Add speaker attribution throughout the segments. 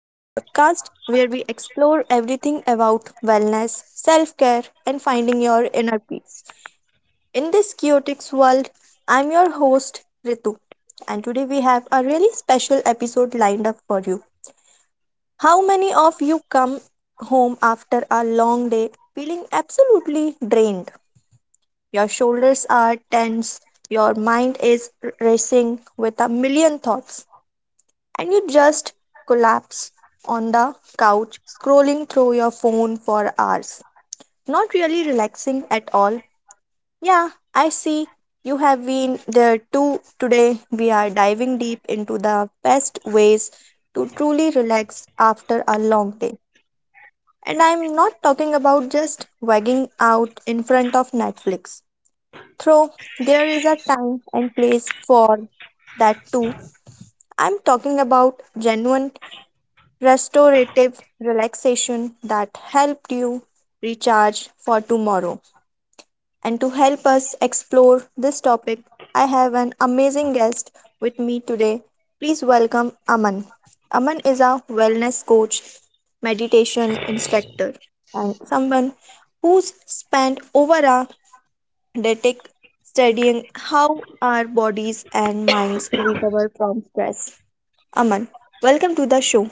Speaker 1: the podcast where we explore everything about wellness, self care, and finding your inner peace. In this chaotic world, I'm your host, Ritu, and today we have a really special episode lined up for you. How many of you come home after a long day feeling absolutely drained? Your shoulders are tense, your mind is racing with a million thoughts, and you just collapse on the couch, scrolling through your phone for hours. Not really relaxing at all. Yeah, I see you have been there too. Today, we are diving deep into the best ways to truly relax after a long day. And I'm not talking about just wagging out in front of Netflix. Though there is a time and place for that too. I'm talking about genuine restorative relaxation that helped you recharge for tomorrow. And to help us explore this topic, I have an amazing guest with me today. Please welcome Aman. Aman is a wellness coach, meditation instructor, and someone who's spent over a decade studying how our bodies and minds recover from stress. Aman, welcome to the show.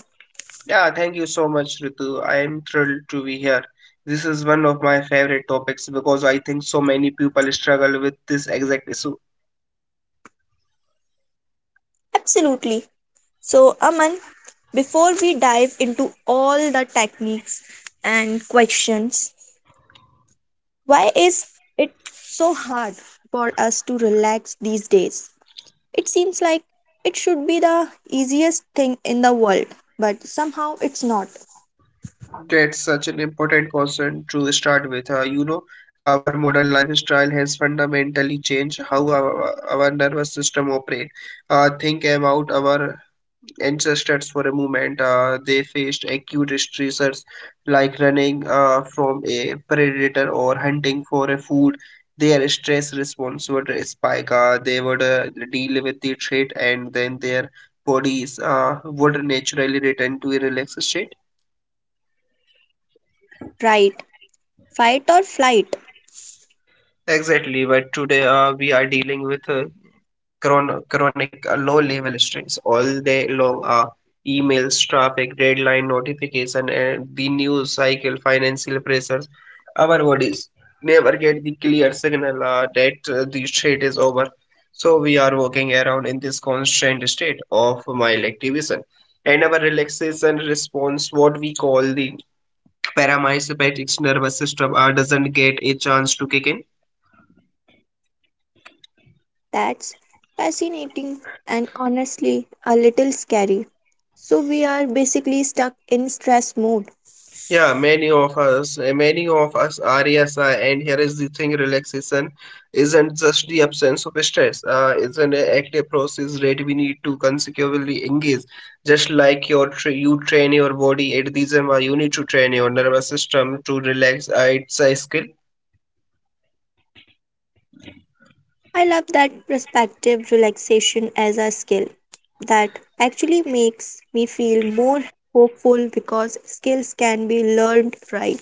Speaker 2: Yeah, thank you so much, Ritu. I am thrilled to be here. This is one of my favorite topics because I think so many people struggle with this exact issue.
Speaker 1: Absolutely. So, Aman, before we dive into all the techniques and questions, why is it so hard for us to relax these days? It seems like it should be the easiest thing in the world, but somehow it's not.
Speaker 2: That's such an important concern to start with. Our modern lifestyle has fundamentally changed how our nervous system operates. Think about our ancestors for a moment. They faced acute stressors like running from a predator or hunting for a food. Their stress response would spike. They would deal with the threat, and then their bodies would naturally return to a relaxed state.
Speaker 1: Right? Fight or flight.
Speaker 2: Exactly, but today we are dealing with chronic low-level stress all day long. Emails, traffic, deadline, notification, and the news cycle, financial pressures. Our bodies never get the clear signal that the stress is over. So we are walking around in this constant state of mild activation. And our relaxation response, what we call the parasympathetic nervous system, doesn't get a chance to kick in.
Speaker 1: That's fascinating and honestly a little scary. So we are basically stuck in stress mode.
Speaker 2: Yeah, many of us are, yes, and here is the thing, relaxation isn't just the absence of stress, it's an active process that we need to consecutively engage. Just like you train your body at the gym, you need to train your nervous system to relax. It's a skill.
Speaker 1: I love that perspective, relaxation as a skill. That actually makes me feel more hopeful, because skills can be learned, right.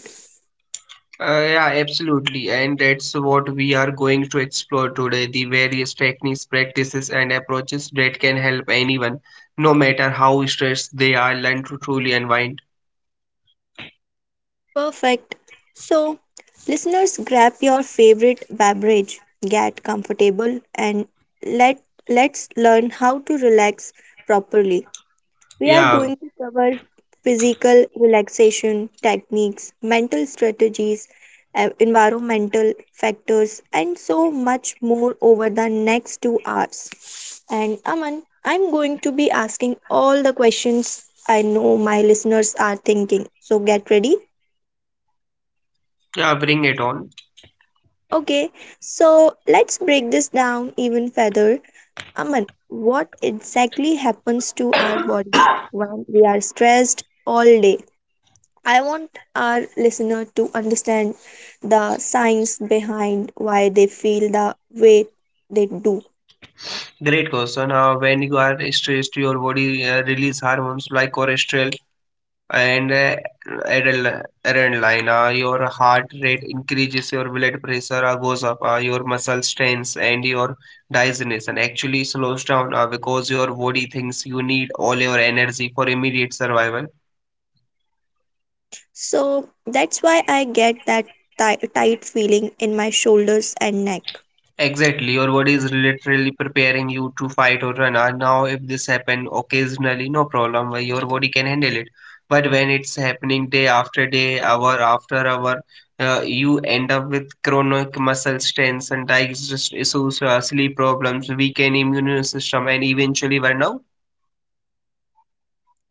Speaker 2: Yeah, Absolutely, and that's what we are going to explore today, the various techniques, practices, and approaches that can help anyone, no matter how stressed they are, learn to truly unwind.
Speaker 1: Perfect. So, listeners, grab your favorite beverage, get comfortable, and let let's learn how to relax properly. We are
Speaker 2: Yeah,
Speaker 1: going to cover physical relaxation techniques, mental strategies, environmental factors, and so much more over the next 2 hours. And Aman, I'm going to be asking all the questions I know my listeners are thinking. So get ready.
Speaker 2: yeah, bring it on.
Speaker 1: Okay, so let's break this down even further. Aman, what exactly happens to our body when we are stressed all day? I want our listener to understand the science behind why they feel the way they do.
Speaker 2: Great question. When you are stressed, your body release hormones like cortisol and adrenaline. Your heart rate increases, your blood pressure goes up, your muscle strains, and your digestion actually slows down because your body thinks you need all your energy for immediate survival.
Speaker 1: So that's why I get that tight feeling in my shoulders and neck.
Speaker 2: Exactly, your body is literally preparing you to fight or run. And now, if this happen occasionally, no problem, why your body can handle it. But when it's happening day after day, hour after hour, you end up with chronic muscle strains and digestive issues, sleep problems, weakened immune system, and eventually burnout.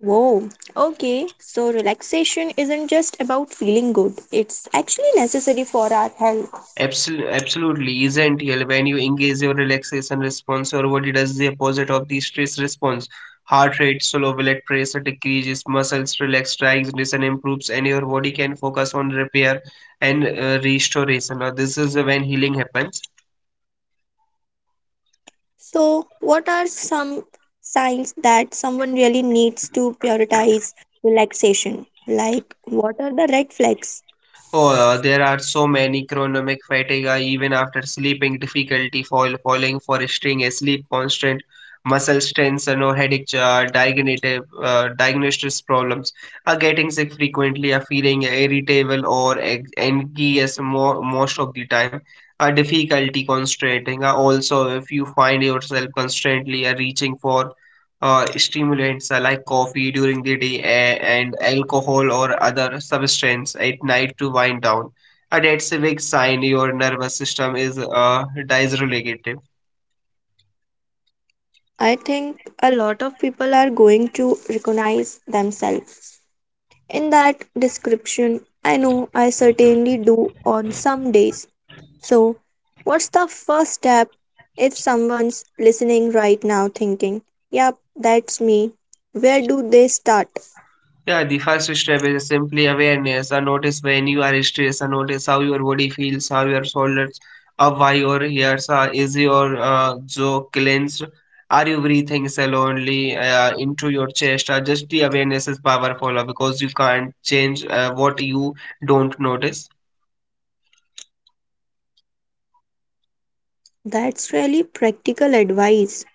Speaker 1: Whoa, okay, so relaxation isn't just about feeling good, it's actually necessary for our health.
Speaker 2: Absolutely, isn't real. When you engage your relaxation response, your body does the opposite of the stress response. Heart rate, slow blood pressure decreases, muscles relax, digestion improves, and your body can focus on repair and restoration. Now, this is when healing happens.
Speaker 1: So, what are some signs that someone really needs to prioritize relaxation? Like, what are the red flags?
Speaker 2: Oh, there are so many chronomic fatigue, even after sleeping, falling for staying asleep, constant muscle strains, and no headache, diagnosis problems, getting sick frequently, feeling irritable or anxious most of the time, difficulty concentrating. Also, if you find yourself constantly reaching for stimulants like coffee during the day and alcohol or other substance at night to wind down. That's a big sign your nervous system is dysregulated.
Speaker 1: I think a lot of people are going to recognize themselves in that description. I know I certainly do on some days. So, what's the first step if someone's listening right now thinking, yep, that's me? Where do they start?
Speaker 2: Yeah, the first step is simply awareness. And notice when you are stressed, and notice how your body feels, how your shoulders up, why your ears are, is your jaw clenched? Are you breathing slowly into your chest? Just the awareness is powerful because you can't change what you don't notice.
Speaker 1: That's really practical advice.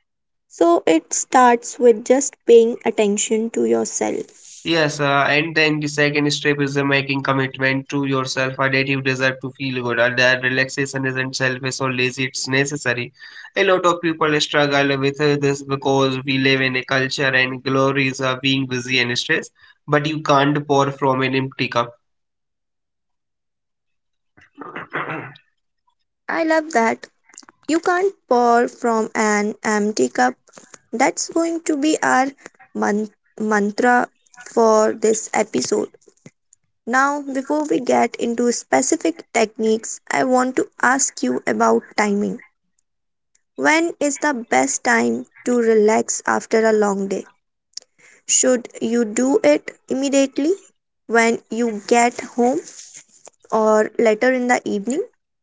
Speaker 1: So, it starts with just paying attention to yourself.
Speaker 2: Yes, and then the second step is the making commitment to yourself, a native desire to feel good, and that relaxation isn't selfish or lazy, it's necessary. A lot of people struggle with this because we live in a culture and glories of being busy and stressed, but you can't pour from an empty cup.
Speaker 1: I love that. You can't pour from an empty cup. That's going to be our man- mantra for this episode. Now, before we get into specific techniques, I want to ask you about timing. When is the best time to relax after a long day? Should you do it immediately when you get home or later in the evening?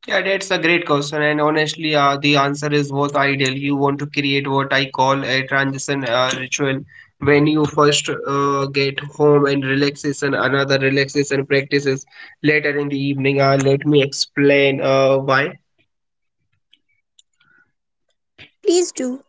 Speaker 2: Yeah, that's a great question, and honestly, the answer is both ideal. You want to create what I call a transition ritual when you first get home and relaxation, another relaxation practices later in the evening. Let me explain why.
Speaker 1: Please do.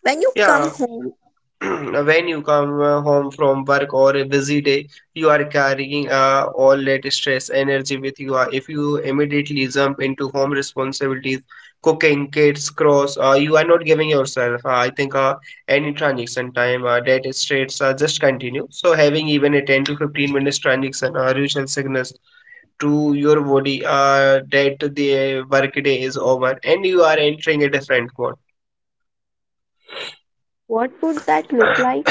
Speaker 1: When you come
Speaker 2: Yeah,
Speaker 1: home,
Speaker 2: when you come home from work or a busy day, you are carrying all that stress energy with you. If you immediately jump into home responsibilities, cooking kids cross, you are not giving yourself I think any transaction time. That stress just continue, so having even a 10 to 15 minutes transaction usual signals to your body that the work day is over and you are entering a different mode.
Speaker 1: what would that look like?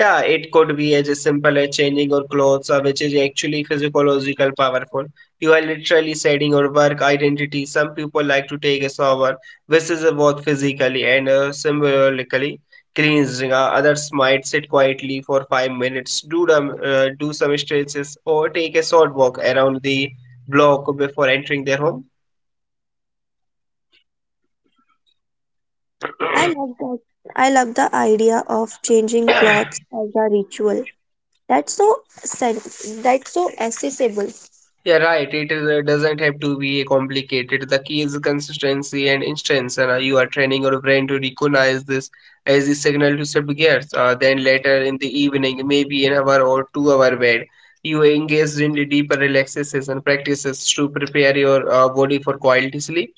Speaker 2: Yeah, it could be as simple as changing your clothes, which is actually physiological powerful. You are literally setting your work identity. Some people like to take a shower, which is both physically and symbolically cleansing. Others might sit quietly for 5 minutes, do them, do some stretches, or take a short walk around the block before entering their home.
Speaker 1: I love that. I love the idea of changing clothes as a ritual. That's that's so accessible.
Speaker 2: Yeah, right. It is, doesn't have to be complicated. The key is consistency and instance, and you are training your brain to recognize this as a signal to shift gears. Then later in the evening, maybe an hour or 2 hour bed, you engage in the deeper relaxations and practices to prepare your body for quality sleep.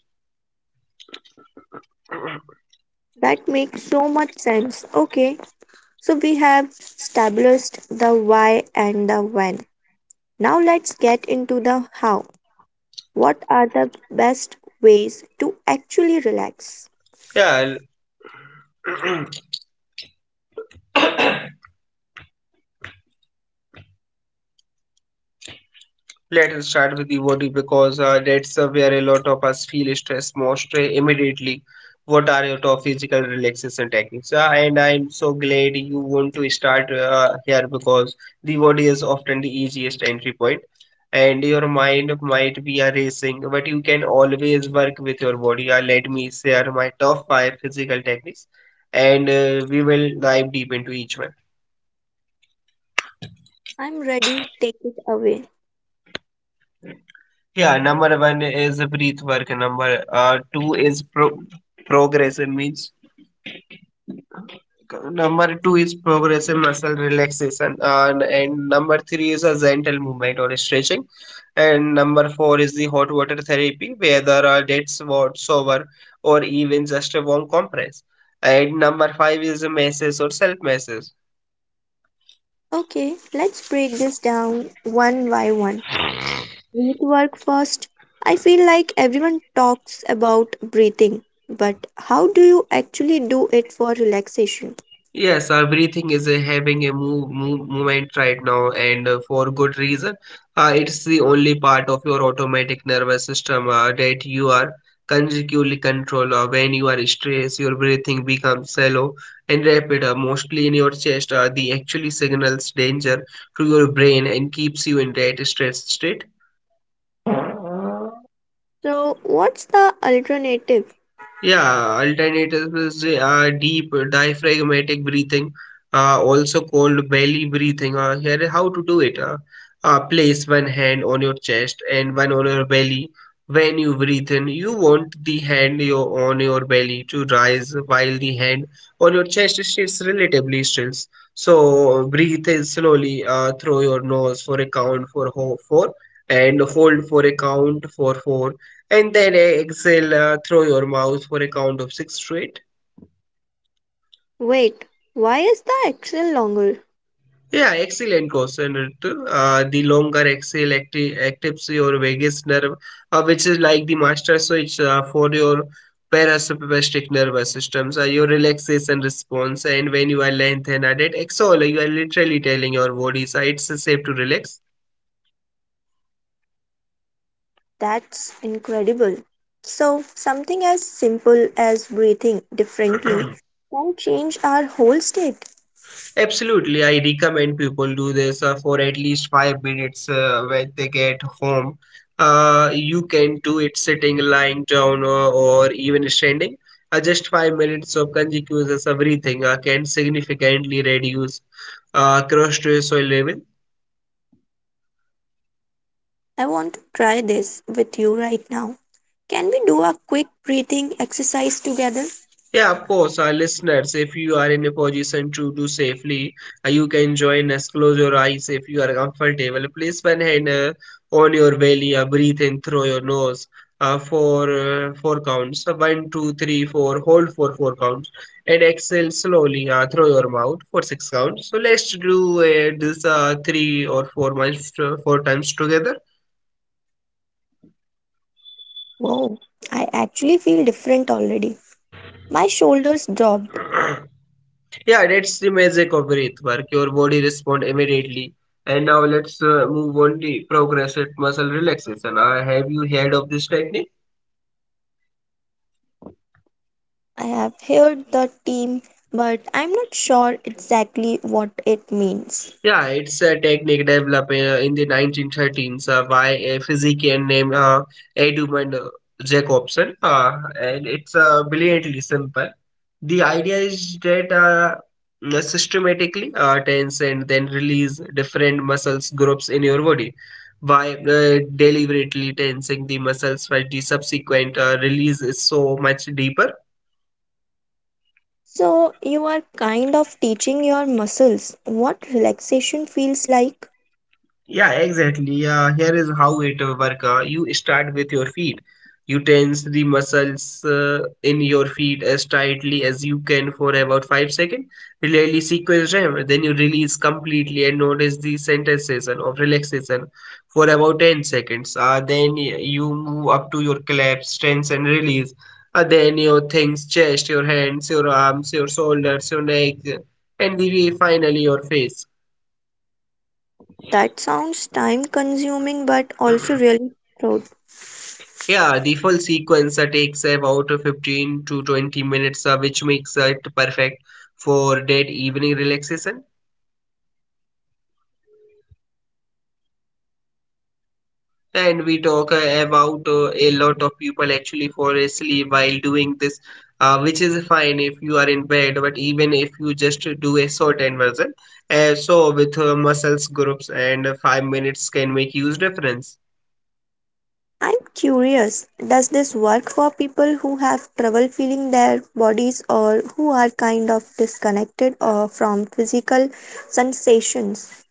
Speaker 1: That makes so much sense. Okay, so we have established the why and the when. Now let's get into the how. What are the best ways to actually relax?
Speaker 2: Yeah. Let us start with the body because that's where a lot of us feel stress most immediately. What are your top physical relaxation techniques? And I'm so glad you want to start here because the body is often the easiest entry point, and your mind might be a racing, but you can always work with your body. Let me share my top five physical techniques, and we will dive deep into each one.
Speaker 1: I'm ready. Take it away.
Speaker 2: Yeah, number one is breath work. Number two is pro progressive means. Number two is progressive muscle relaxation, and number three is a gentle movement or stretching, and number four is the hot water therapy, whether that's what shower or even just a warm compress, and number five is a massage or self massage.
Speaker 1: Okay, let's break this down one by one. Breathe work first. I feel like everyone talks about breathing, but how do you actually do it for relaxation?
Speaker 2: Yes, everything is having a movement right now, and for good reason. It's the only part of your automatic nervous system that you are consecutively control. When you are stressed, your breathing becomes shallow and rapid, mostly in your chest. The actually signals danger to your brain and keeps you in that stress state.
Speaker 1: So, what's the alternative?
Speaker 2: Yeah, alternatives are deep diaphragmatic breathing, also called belly breathing. Here, how to do it? Place one hand on your chest and one on your belly. When you breathe in, you want on your belly to rise while the hand on your chest stays relatively still. So, breathe in slowly through your nose for a count for ho- four and hold for a count for four and then exhale through your mouth for a count of six straight.
Speaker 1: Wait, why is the axle longer?
Speaker 2: Yeah, excellent question, Ritu. The longer exhale activates your vagus nerve, which is like the master switch for your parasympathetic nervous systems, your relaxation response. And when you are lengthened at it, exhale, you are literally telling your body, it's safe to relax.
Speaker 1: That's incredible. So, something as simple as breathing differently can change our whole state.
Speaker 2: Absolutely, I recommend people do this for at least 5 minutes when they get home. You can do it sitting, lying down, or even standing. Just 5 minutes of continuous breathing can significantly reduce cross soil level.
Speaker 1: I want to try this with you right now. Can we do a quick breathing exercise together?
Speaker 2: Yeah, of course, our listeners, if you are in a position to do safely, you can join us. Close your eyes if you are comfortable. Place one hand on your belly, breathe in through your nose for four counts. One, two, three, four. Hold for four counts and exhale slowly through your mouth for six counts. So let's do this 3 or 4 months, four times together.
Speaker 1: Wow, I actually feel different already. My shoulders dropped.
Speaker 2: Yeah, that's the magic of breath work. Your body responds immediately. And now let's move on the progressive muscle relaxation. Have you heard of this technique?
Speaker 1: I have heard the team, but I'm not sure exactly what it means.
Speaker 2: Yeah, it's a technique developed in the 1913s by a physician named Edmund Jacobson, and it's brilliantly simple. The idea is that systematically tense and then release different muscles groups in your body by deliberately tensing the muscles while the subsequent release is so much deeper.
Speaker 1: So, you are kind of teaching your muscles what relaxation feels like.
Speaker 2: Yeah, exactly. Here is how it work. You start with your feet. You tense the muscles in your feet as tightly as you can for about 5 seconds. Really sequence them. Then you release completely and notice the sensation of relaxation for about 10 seconds. Then you move up to your collapse, tense and release. Then your things, chest, your hands, your arms, your shoulders, your neck, and finally your face.
Speaker 1: That sounds time consuming but also really proud.
Speaker 2: Yeah, the full sequence takes about 15 to 20 minutes, which makes it perfect for that evening relaxation. And we talk about a lot of people actually fall asleep while doing this, which is fine if you are in bed, but even if you just do a shortened version. So with muscles groups and 5 minutes can make huge difference.
Speaker 1: I'm curious, does this work for people who have trouble feeling their bodies or who are kind of disconnected from physical sensations?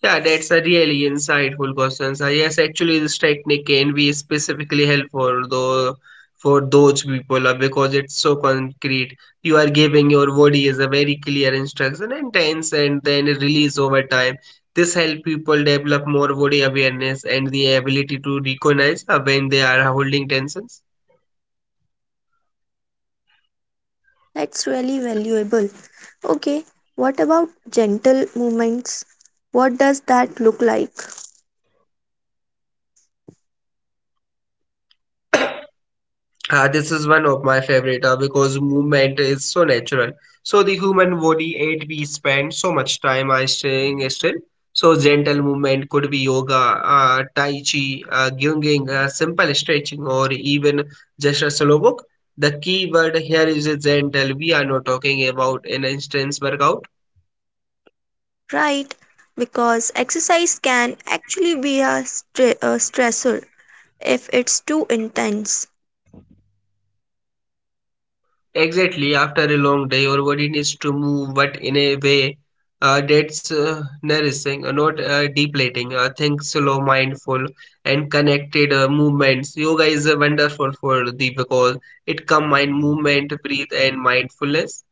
Speaker 2: Yeah, that's a really insightful question. So yes, actually, this technique can be specifically helpful though for those people because it's so concrete. You are giving your body as a very clear instruction and tense and then release over time. This help people develop more body awareness and the ability to recognize when they are holding tensions.
Speaker 1: That's really valuable. Okay, what about gentle movements? What does that look like?
Speaker 2: This is one of my favorite because movement is so natural. So the human body, it we spend so much time staying still. So gentle movement could be yoga, tai chi, gyunging, simple stretching, or even just a slow walk. The key word here is gentle. We are not talking about an intense workout.
Speaker 1: Right, because exercise can actually be a stressor if it's too intense.
Speaker 2: Exactly, after a long day, your body needs to move, but in a way that's nourishing, not depleting. Think slow, mindful, and connected movements. Yoga is wonderful for the because it combines movement, breathe, and mindfulness.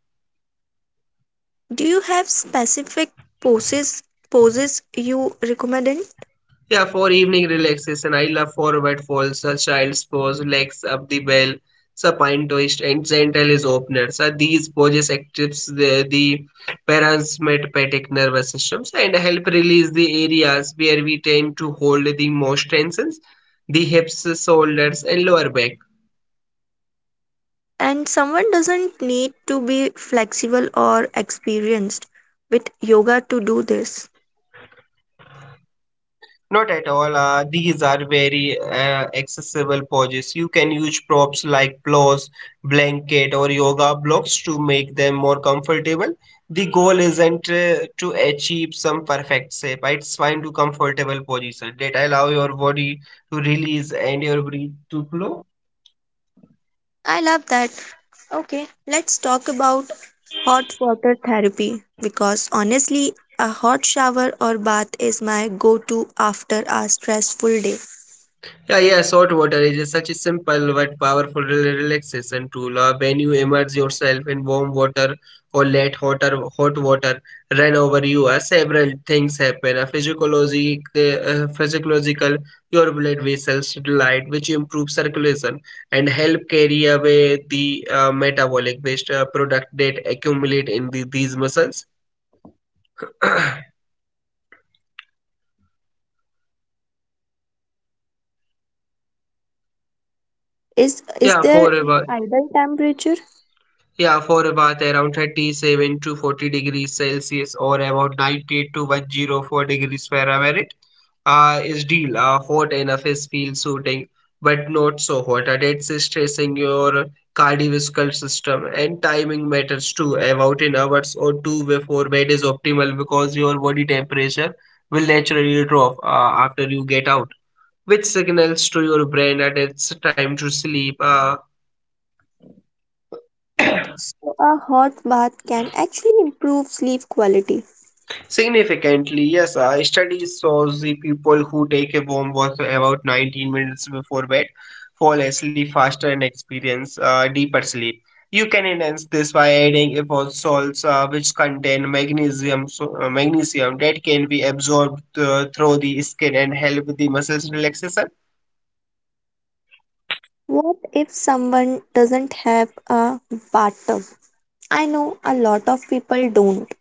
Speaker 1: Do you have specific poses poses you recommend?
Speaker 2: Yeah, for evening relaxation, I love forward folds, a child's pose, legs up the bell, a pine twist, and gentle is opener. So these poses actives the parasympathetic nervous systems and help release the areas where we tend to hold the most tensions, the hips, shoulders, and lower back.
Speaker 1: And someone doesn't need to be flexible or experienced with yoga to do this.
Speaker 2: Not at all. These are very accessible poses. You can use props like pillows, blanket, or yoga blocks to make them more comfortable. The goal isn't to achieve some perfect shape. It's fine to comfortable position that allow your body to release and your breath to flow.
Speaker 1: I love that. Okay, let's talk about hot water therapy because honestly, a hot shower or bath is my go to after a stressful day.
Speaker 2: Yeah, yeah, salt water is such a simple but powerful relaxation tool. When you immerse yourself in warm water or let hot water run over you, several things happen. Physiological, your blood vessels dilate, which improve circulation and help carry away the metabolic waste product that accumulate in these muscles.
Speaker 1: Is is
Speaker 2: Yeah,
Speaker 1: there an
Speaker 2: forever.
Speaker 1: ideal temperature?
Speaker 2: Yeah, for about around 37 to 40 degrees Celsius or about 98 to 104 degrees Fahrenheit is deal. Hot enough is feel suiting, but not so hot. That's stressing your cardiovascular system and timing matters too. About an hours or two before bed is optimal because your body temperature will naturally drop after you get out, which signals to your brain that it's time to sleep.
Speaker 1: So a hot bath can actually improve sleep quality.
Speaker 2: Significantly, yes. Studies shows the people who take a warm bath about 19 minutes before bed fall asleep faster and experience deeper sleep. You can enhance this by adding apple salts, which contain magnesium, so, magnesium that can be absorbed through the skin and help with the muscles relaxation.
Speaker 1: What if someone doesn't have a bathtub? I know a lot of people don't.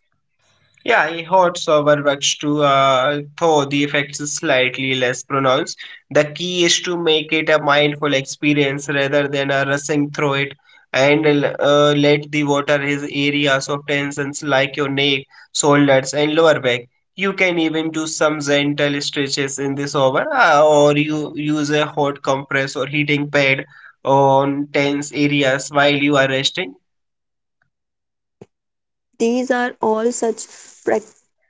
Speaker 2: Yeah, a hot shower works too, though the effects is slightly less pronounced. The key is to make it a mindful experience rather than a rushing through it, and let the water hit areas of tensions like your neck, shoulders, and lower back. You can even do some gentle stretches in the shower, or you use a hot compress or heating pad on tense areas while you are resting.
Speaker 1: These are all such prac-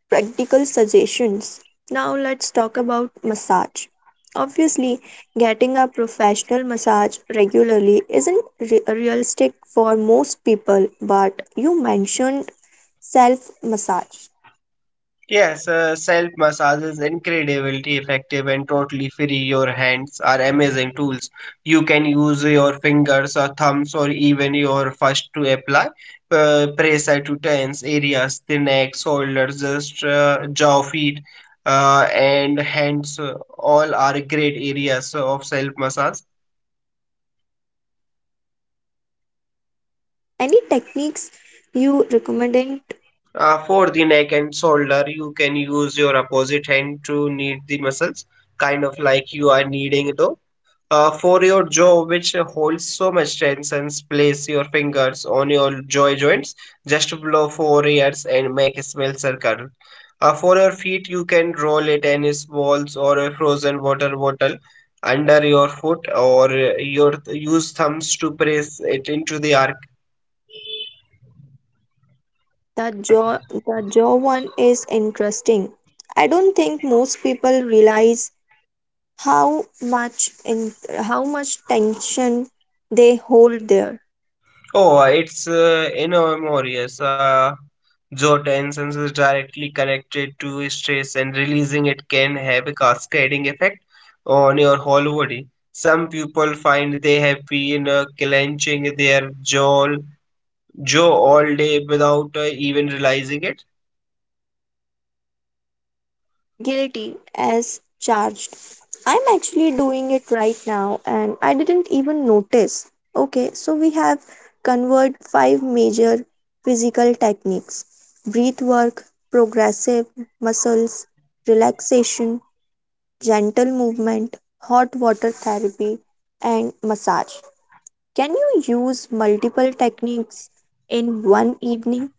Speaker 1: practical suggestions. Now let's talk about massage. Obviously, getting a professional massage regularly isn't realistic for most people, but you mentioned self massage.
Speaker 2: Yes, self massage is incredibly effective and totally free. Your hands are amazing tools. You can use your fingers or thumbs or even your fist to apply pressure to tense areas, the neck, shoulders, just jaw, feet, and hands. All are great areas of self massage.
Speaker 1: Any techniques you recommend?
Speaker 2: For the neck and shoulder, you can use your opposite hand to knead the muscles, kind of like you are kneading though for your jaw, which holds so much tension, place your fingers on your jaw joints. Just blow for ears and make a small circle. For your feet, you can roll a tennis balls or a frozen water bottle under your foot, or your use thumbs to press it into the arc.
Speaker 1: The jaw one is interesting. I don't think most people realize how much in how much tension they hold there.
Speaker 2: Oh, it's enormous. Jaw tensions is directly connected to stress, and releasing it can have a cascading effect on your whole body. Some people find they have been clenching their jaw all day without even realizing it.
Speaker 1: Guilty as charged. I'm actually doing it right now and I didn't even notice. Okay, so we have covered five major physical techniques: breath work, progressive muscles relaxation, gentle movement, hot water therapy, and massage. Can you use multiple techniques in one evening?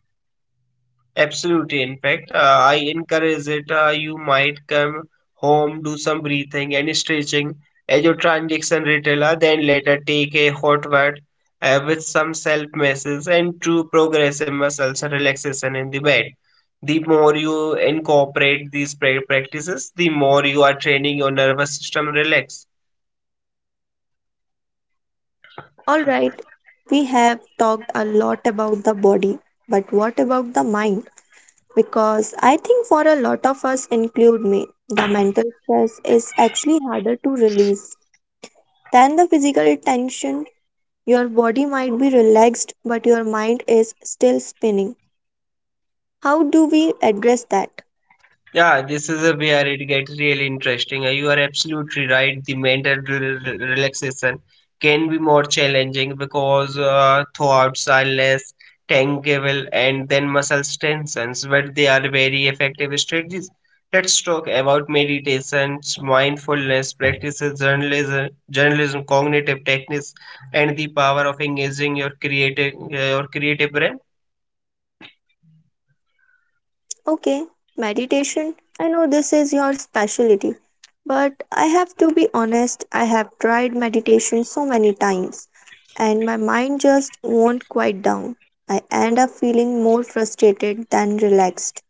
Speaker 2: Absolutely. In fact, I encourage it. You might come home, do some breathing and stretching as your transaction retailer, then later take a hot bath with some self massages and true progressive muscles relaxation in the bed. The more you incorporate these practices, the more you are training your nervous system relax.
Speaker 1: All right, we have talked a lot about the body, but what about the mind? Because I think for a lot of us, include me, the mental stress is actually harder to release than the physical tension. Your body might be relaxed, but your mind is still spinning. How do we address that?
Speaker 2: Yeah, this is a where it gets really interesting. You are absolutely right. The mental relaxation can be more challenging because thoughts are less tangible and then muscle tensions, but they are very effective strategies. Let's talk about meditations, mindfulness practices, journalism, cognitive techniques, and the power of engaging your your creative brain.
Speaker 1: Okay, meditation. I know this is your specialty, but I have to be honest, I have tried meditation so many times and my mind just won't quiet down. I end up feeling more frustrated than relaxed.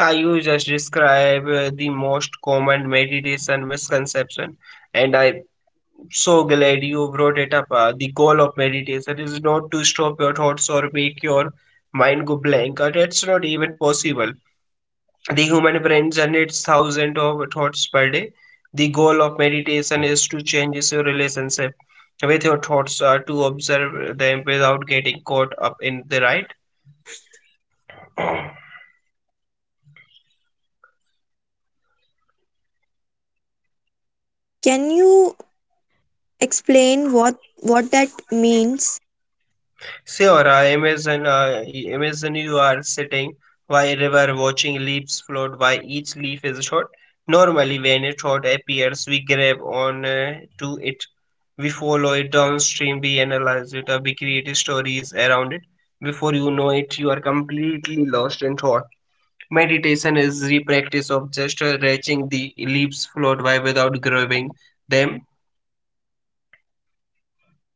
Speaker 2: Yeah, you just describe the most common meditation misconception, and I'm so glad you brought it up. The goal of meditation is not to stop your thoughts or make your mind go blank. That's not even possible. The human brain generates thousands of thoughts per day. The goal of meditation is to change your relationship with your thoughts, to observe them without getting caught up in the right.
Speaker 1: Can you explain what that means?
Speaker 2: Sure, imagine you are sitting by a river watching leaves float by each leaf is short. Normally, when a thought appears, we grab on to it. We follow it downstream, we analyze it, or we create stories around it. Before you know it, you are completely lost in thought. Meditation is the practice of just watching the leaves float by without grabbing them.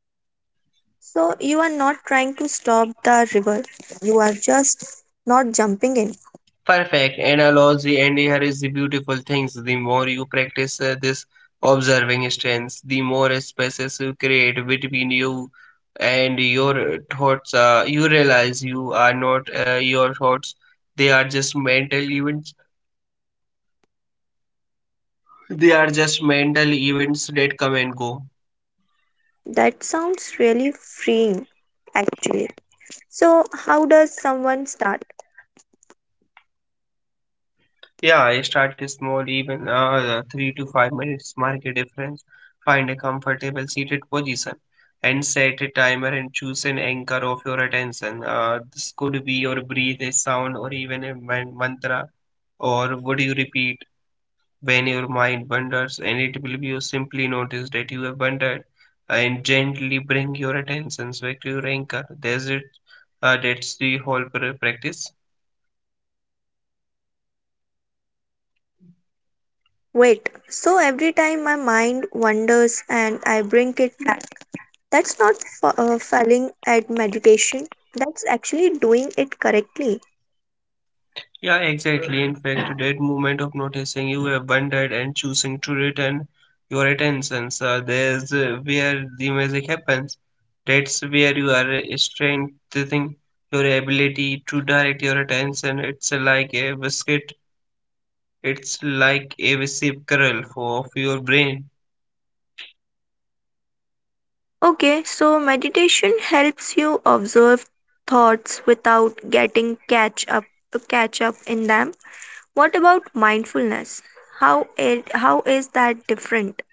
Speaker 1: So you are not trying to stop the river. You are just not jumping in.
Speaker 2: Perfect analogy, and here is the beautiful things. The more you practice this observing stance, the more spaces you create between you and your thoughts. You realize you are not your thoughts, they are just mental events. They are just mental events that come and go.
Speaker 1: That sounds really freeing actually. So, how does someone start?
Speaker 2: Yeah, I start small, even 3 to 5 minutes, mark a difference, find a comfortable seated position, and set a timer and choose an anchor of your attention. This could be your breathe, a sound, or even a mantra, or what you repeat when your mind wanders, and it will be you simply notice that you have wandered and gently bring your attention back to your anchor. That's it. That's the whole practice.
Speaker 1: Wait, so every time my mind wanders and I bring it back, that's not failing at meditation, that's actually doing it correctly.
Speaker 2: Yeah, exactly. In fact, that moment of noticing you have wondered and choosing to return your attention, so there's where the magic happens. That's where you are strengthening your ability to direct your attention. It's like a biscuit, it's like a recipe curl for of your brain.
Speaker 1: Okay, so meditation helps you observe thoughts without getting catch up in them. What about mindfulness? How is that different?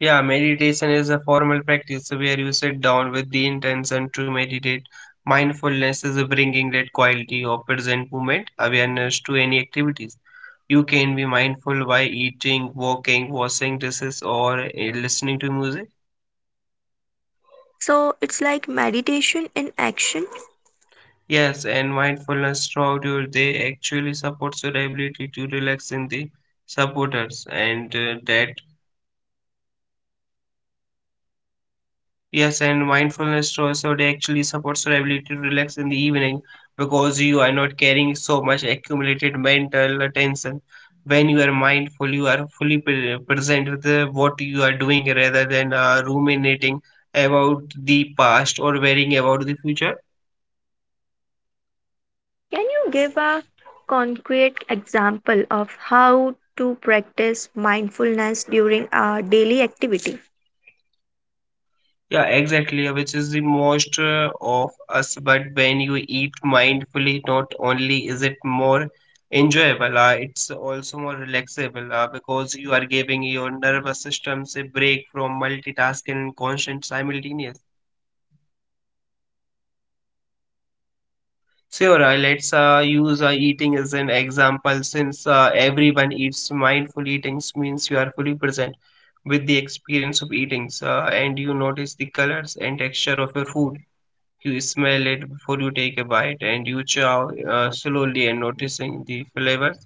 Speaker 2: Yeah, meditation is a formal practice where you sit down with the intention to meditate. Mindfulness is bringing that quality of present moment awareness to any activities. You can be mindful by eating, walking, washing dishes, or listening to music.
Speaker 1: So it's like meditation in action.
Speaker 2: Yes, and mindfulness throughout your day actually supports your ability to relax in the supporters, and that. Yes, and mindfulness also it actually supports your ability to relax in the evening because you are not carrying so much accumulated mental tension. When you are mindful, you are fully present with what you are doing rather than ruminating about the past or worrying about the future.
Speaker 1: Can you give a concrete example of how to practice mindfulness during a daily activity
Speaker 2: Yeah, exactly, yeah, which is the most of us. But when you eat mindfully, not only is it more enjoyable, it's also more relaxable because you are giving your nervous systems a break from multitasking and constant simultaneous. Sure, let's use eating as an example since everyone eats mindful eating means you are fully present with the experience of eating and you notice the colors and texture of your food. You smell it before you take a bite, and you chow slowly and noticing the flavors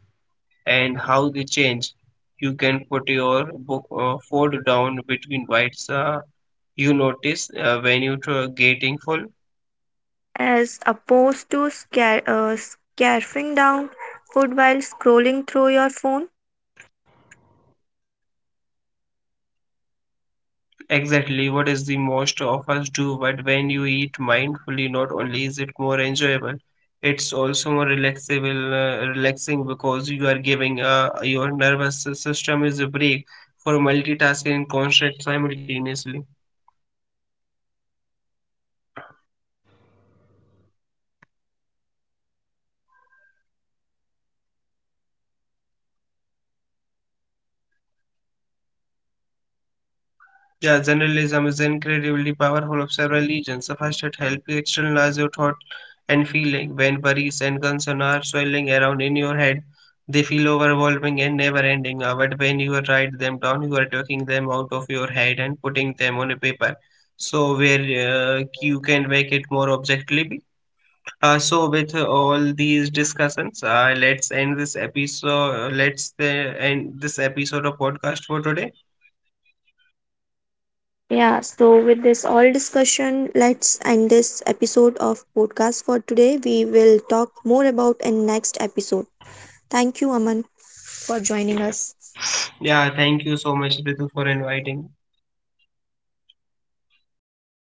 Speaker 2: and how they change. You can put your food down between bites. You notice when you are getting full.
Speaker 1: as opposed to scarfing down food while scrolling through your phone?
Speaker 2: Exactly what is the most of us do, but when you eat mindfully, not only is it more enjoyable, it's also more relaxing because you are giving your nervous system is a break for multitasking and concentrate simultaneously. Yeah, generalism is incredibly powerful of several legions. First, it helps you externalize your thought and feeling. When worries and concerns are swirling around in your head, they feel overwhelming and never ending. But when you write them down, you are taking them out of your head and putting them on a paper. So, where you can make it more objectively. So, with all these discussions, let's end this episode. Let's end this episode of podcast for today.
Speaker 1: Yeah, so with this all discussion, let's end this episode of podcast for today. We will talk more about in next episode. Thank you, Aman, for joining us.
Speaker 2: Yeah, thank you so much, Ritu, for inviting.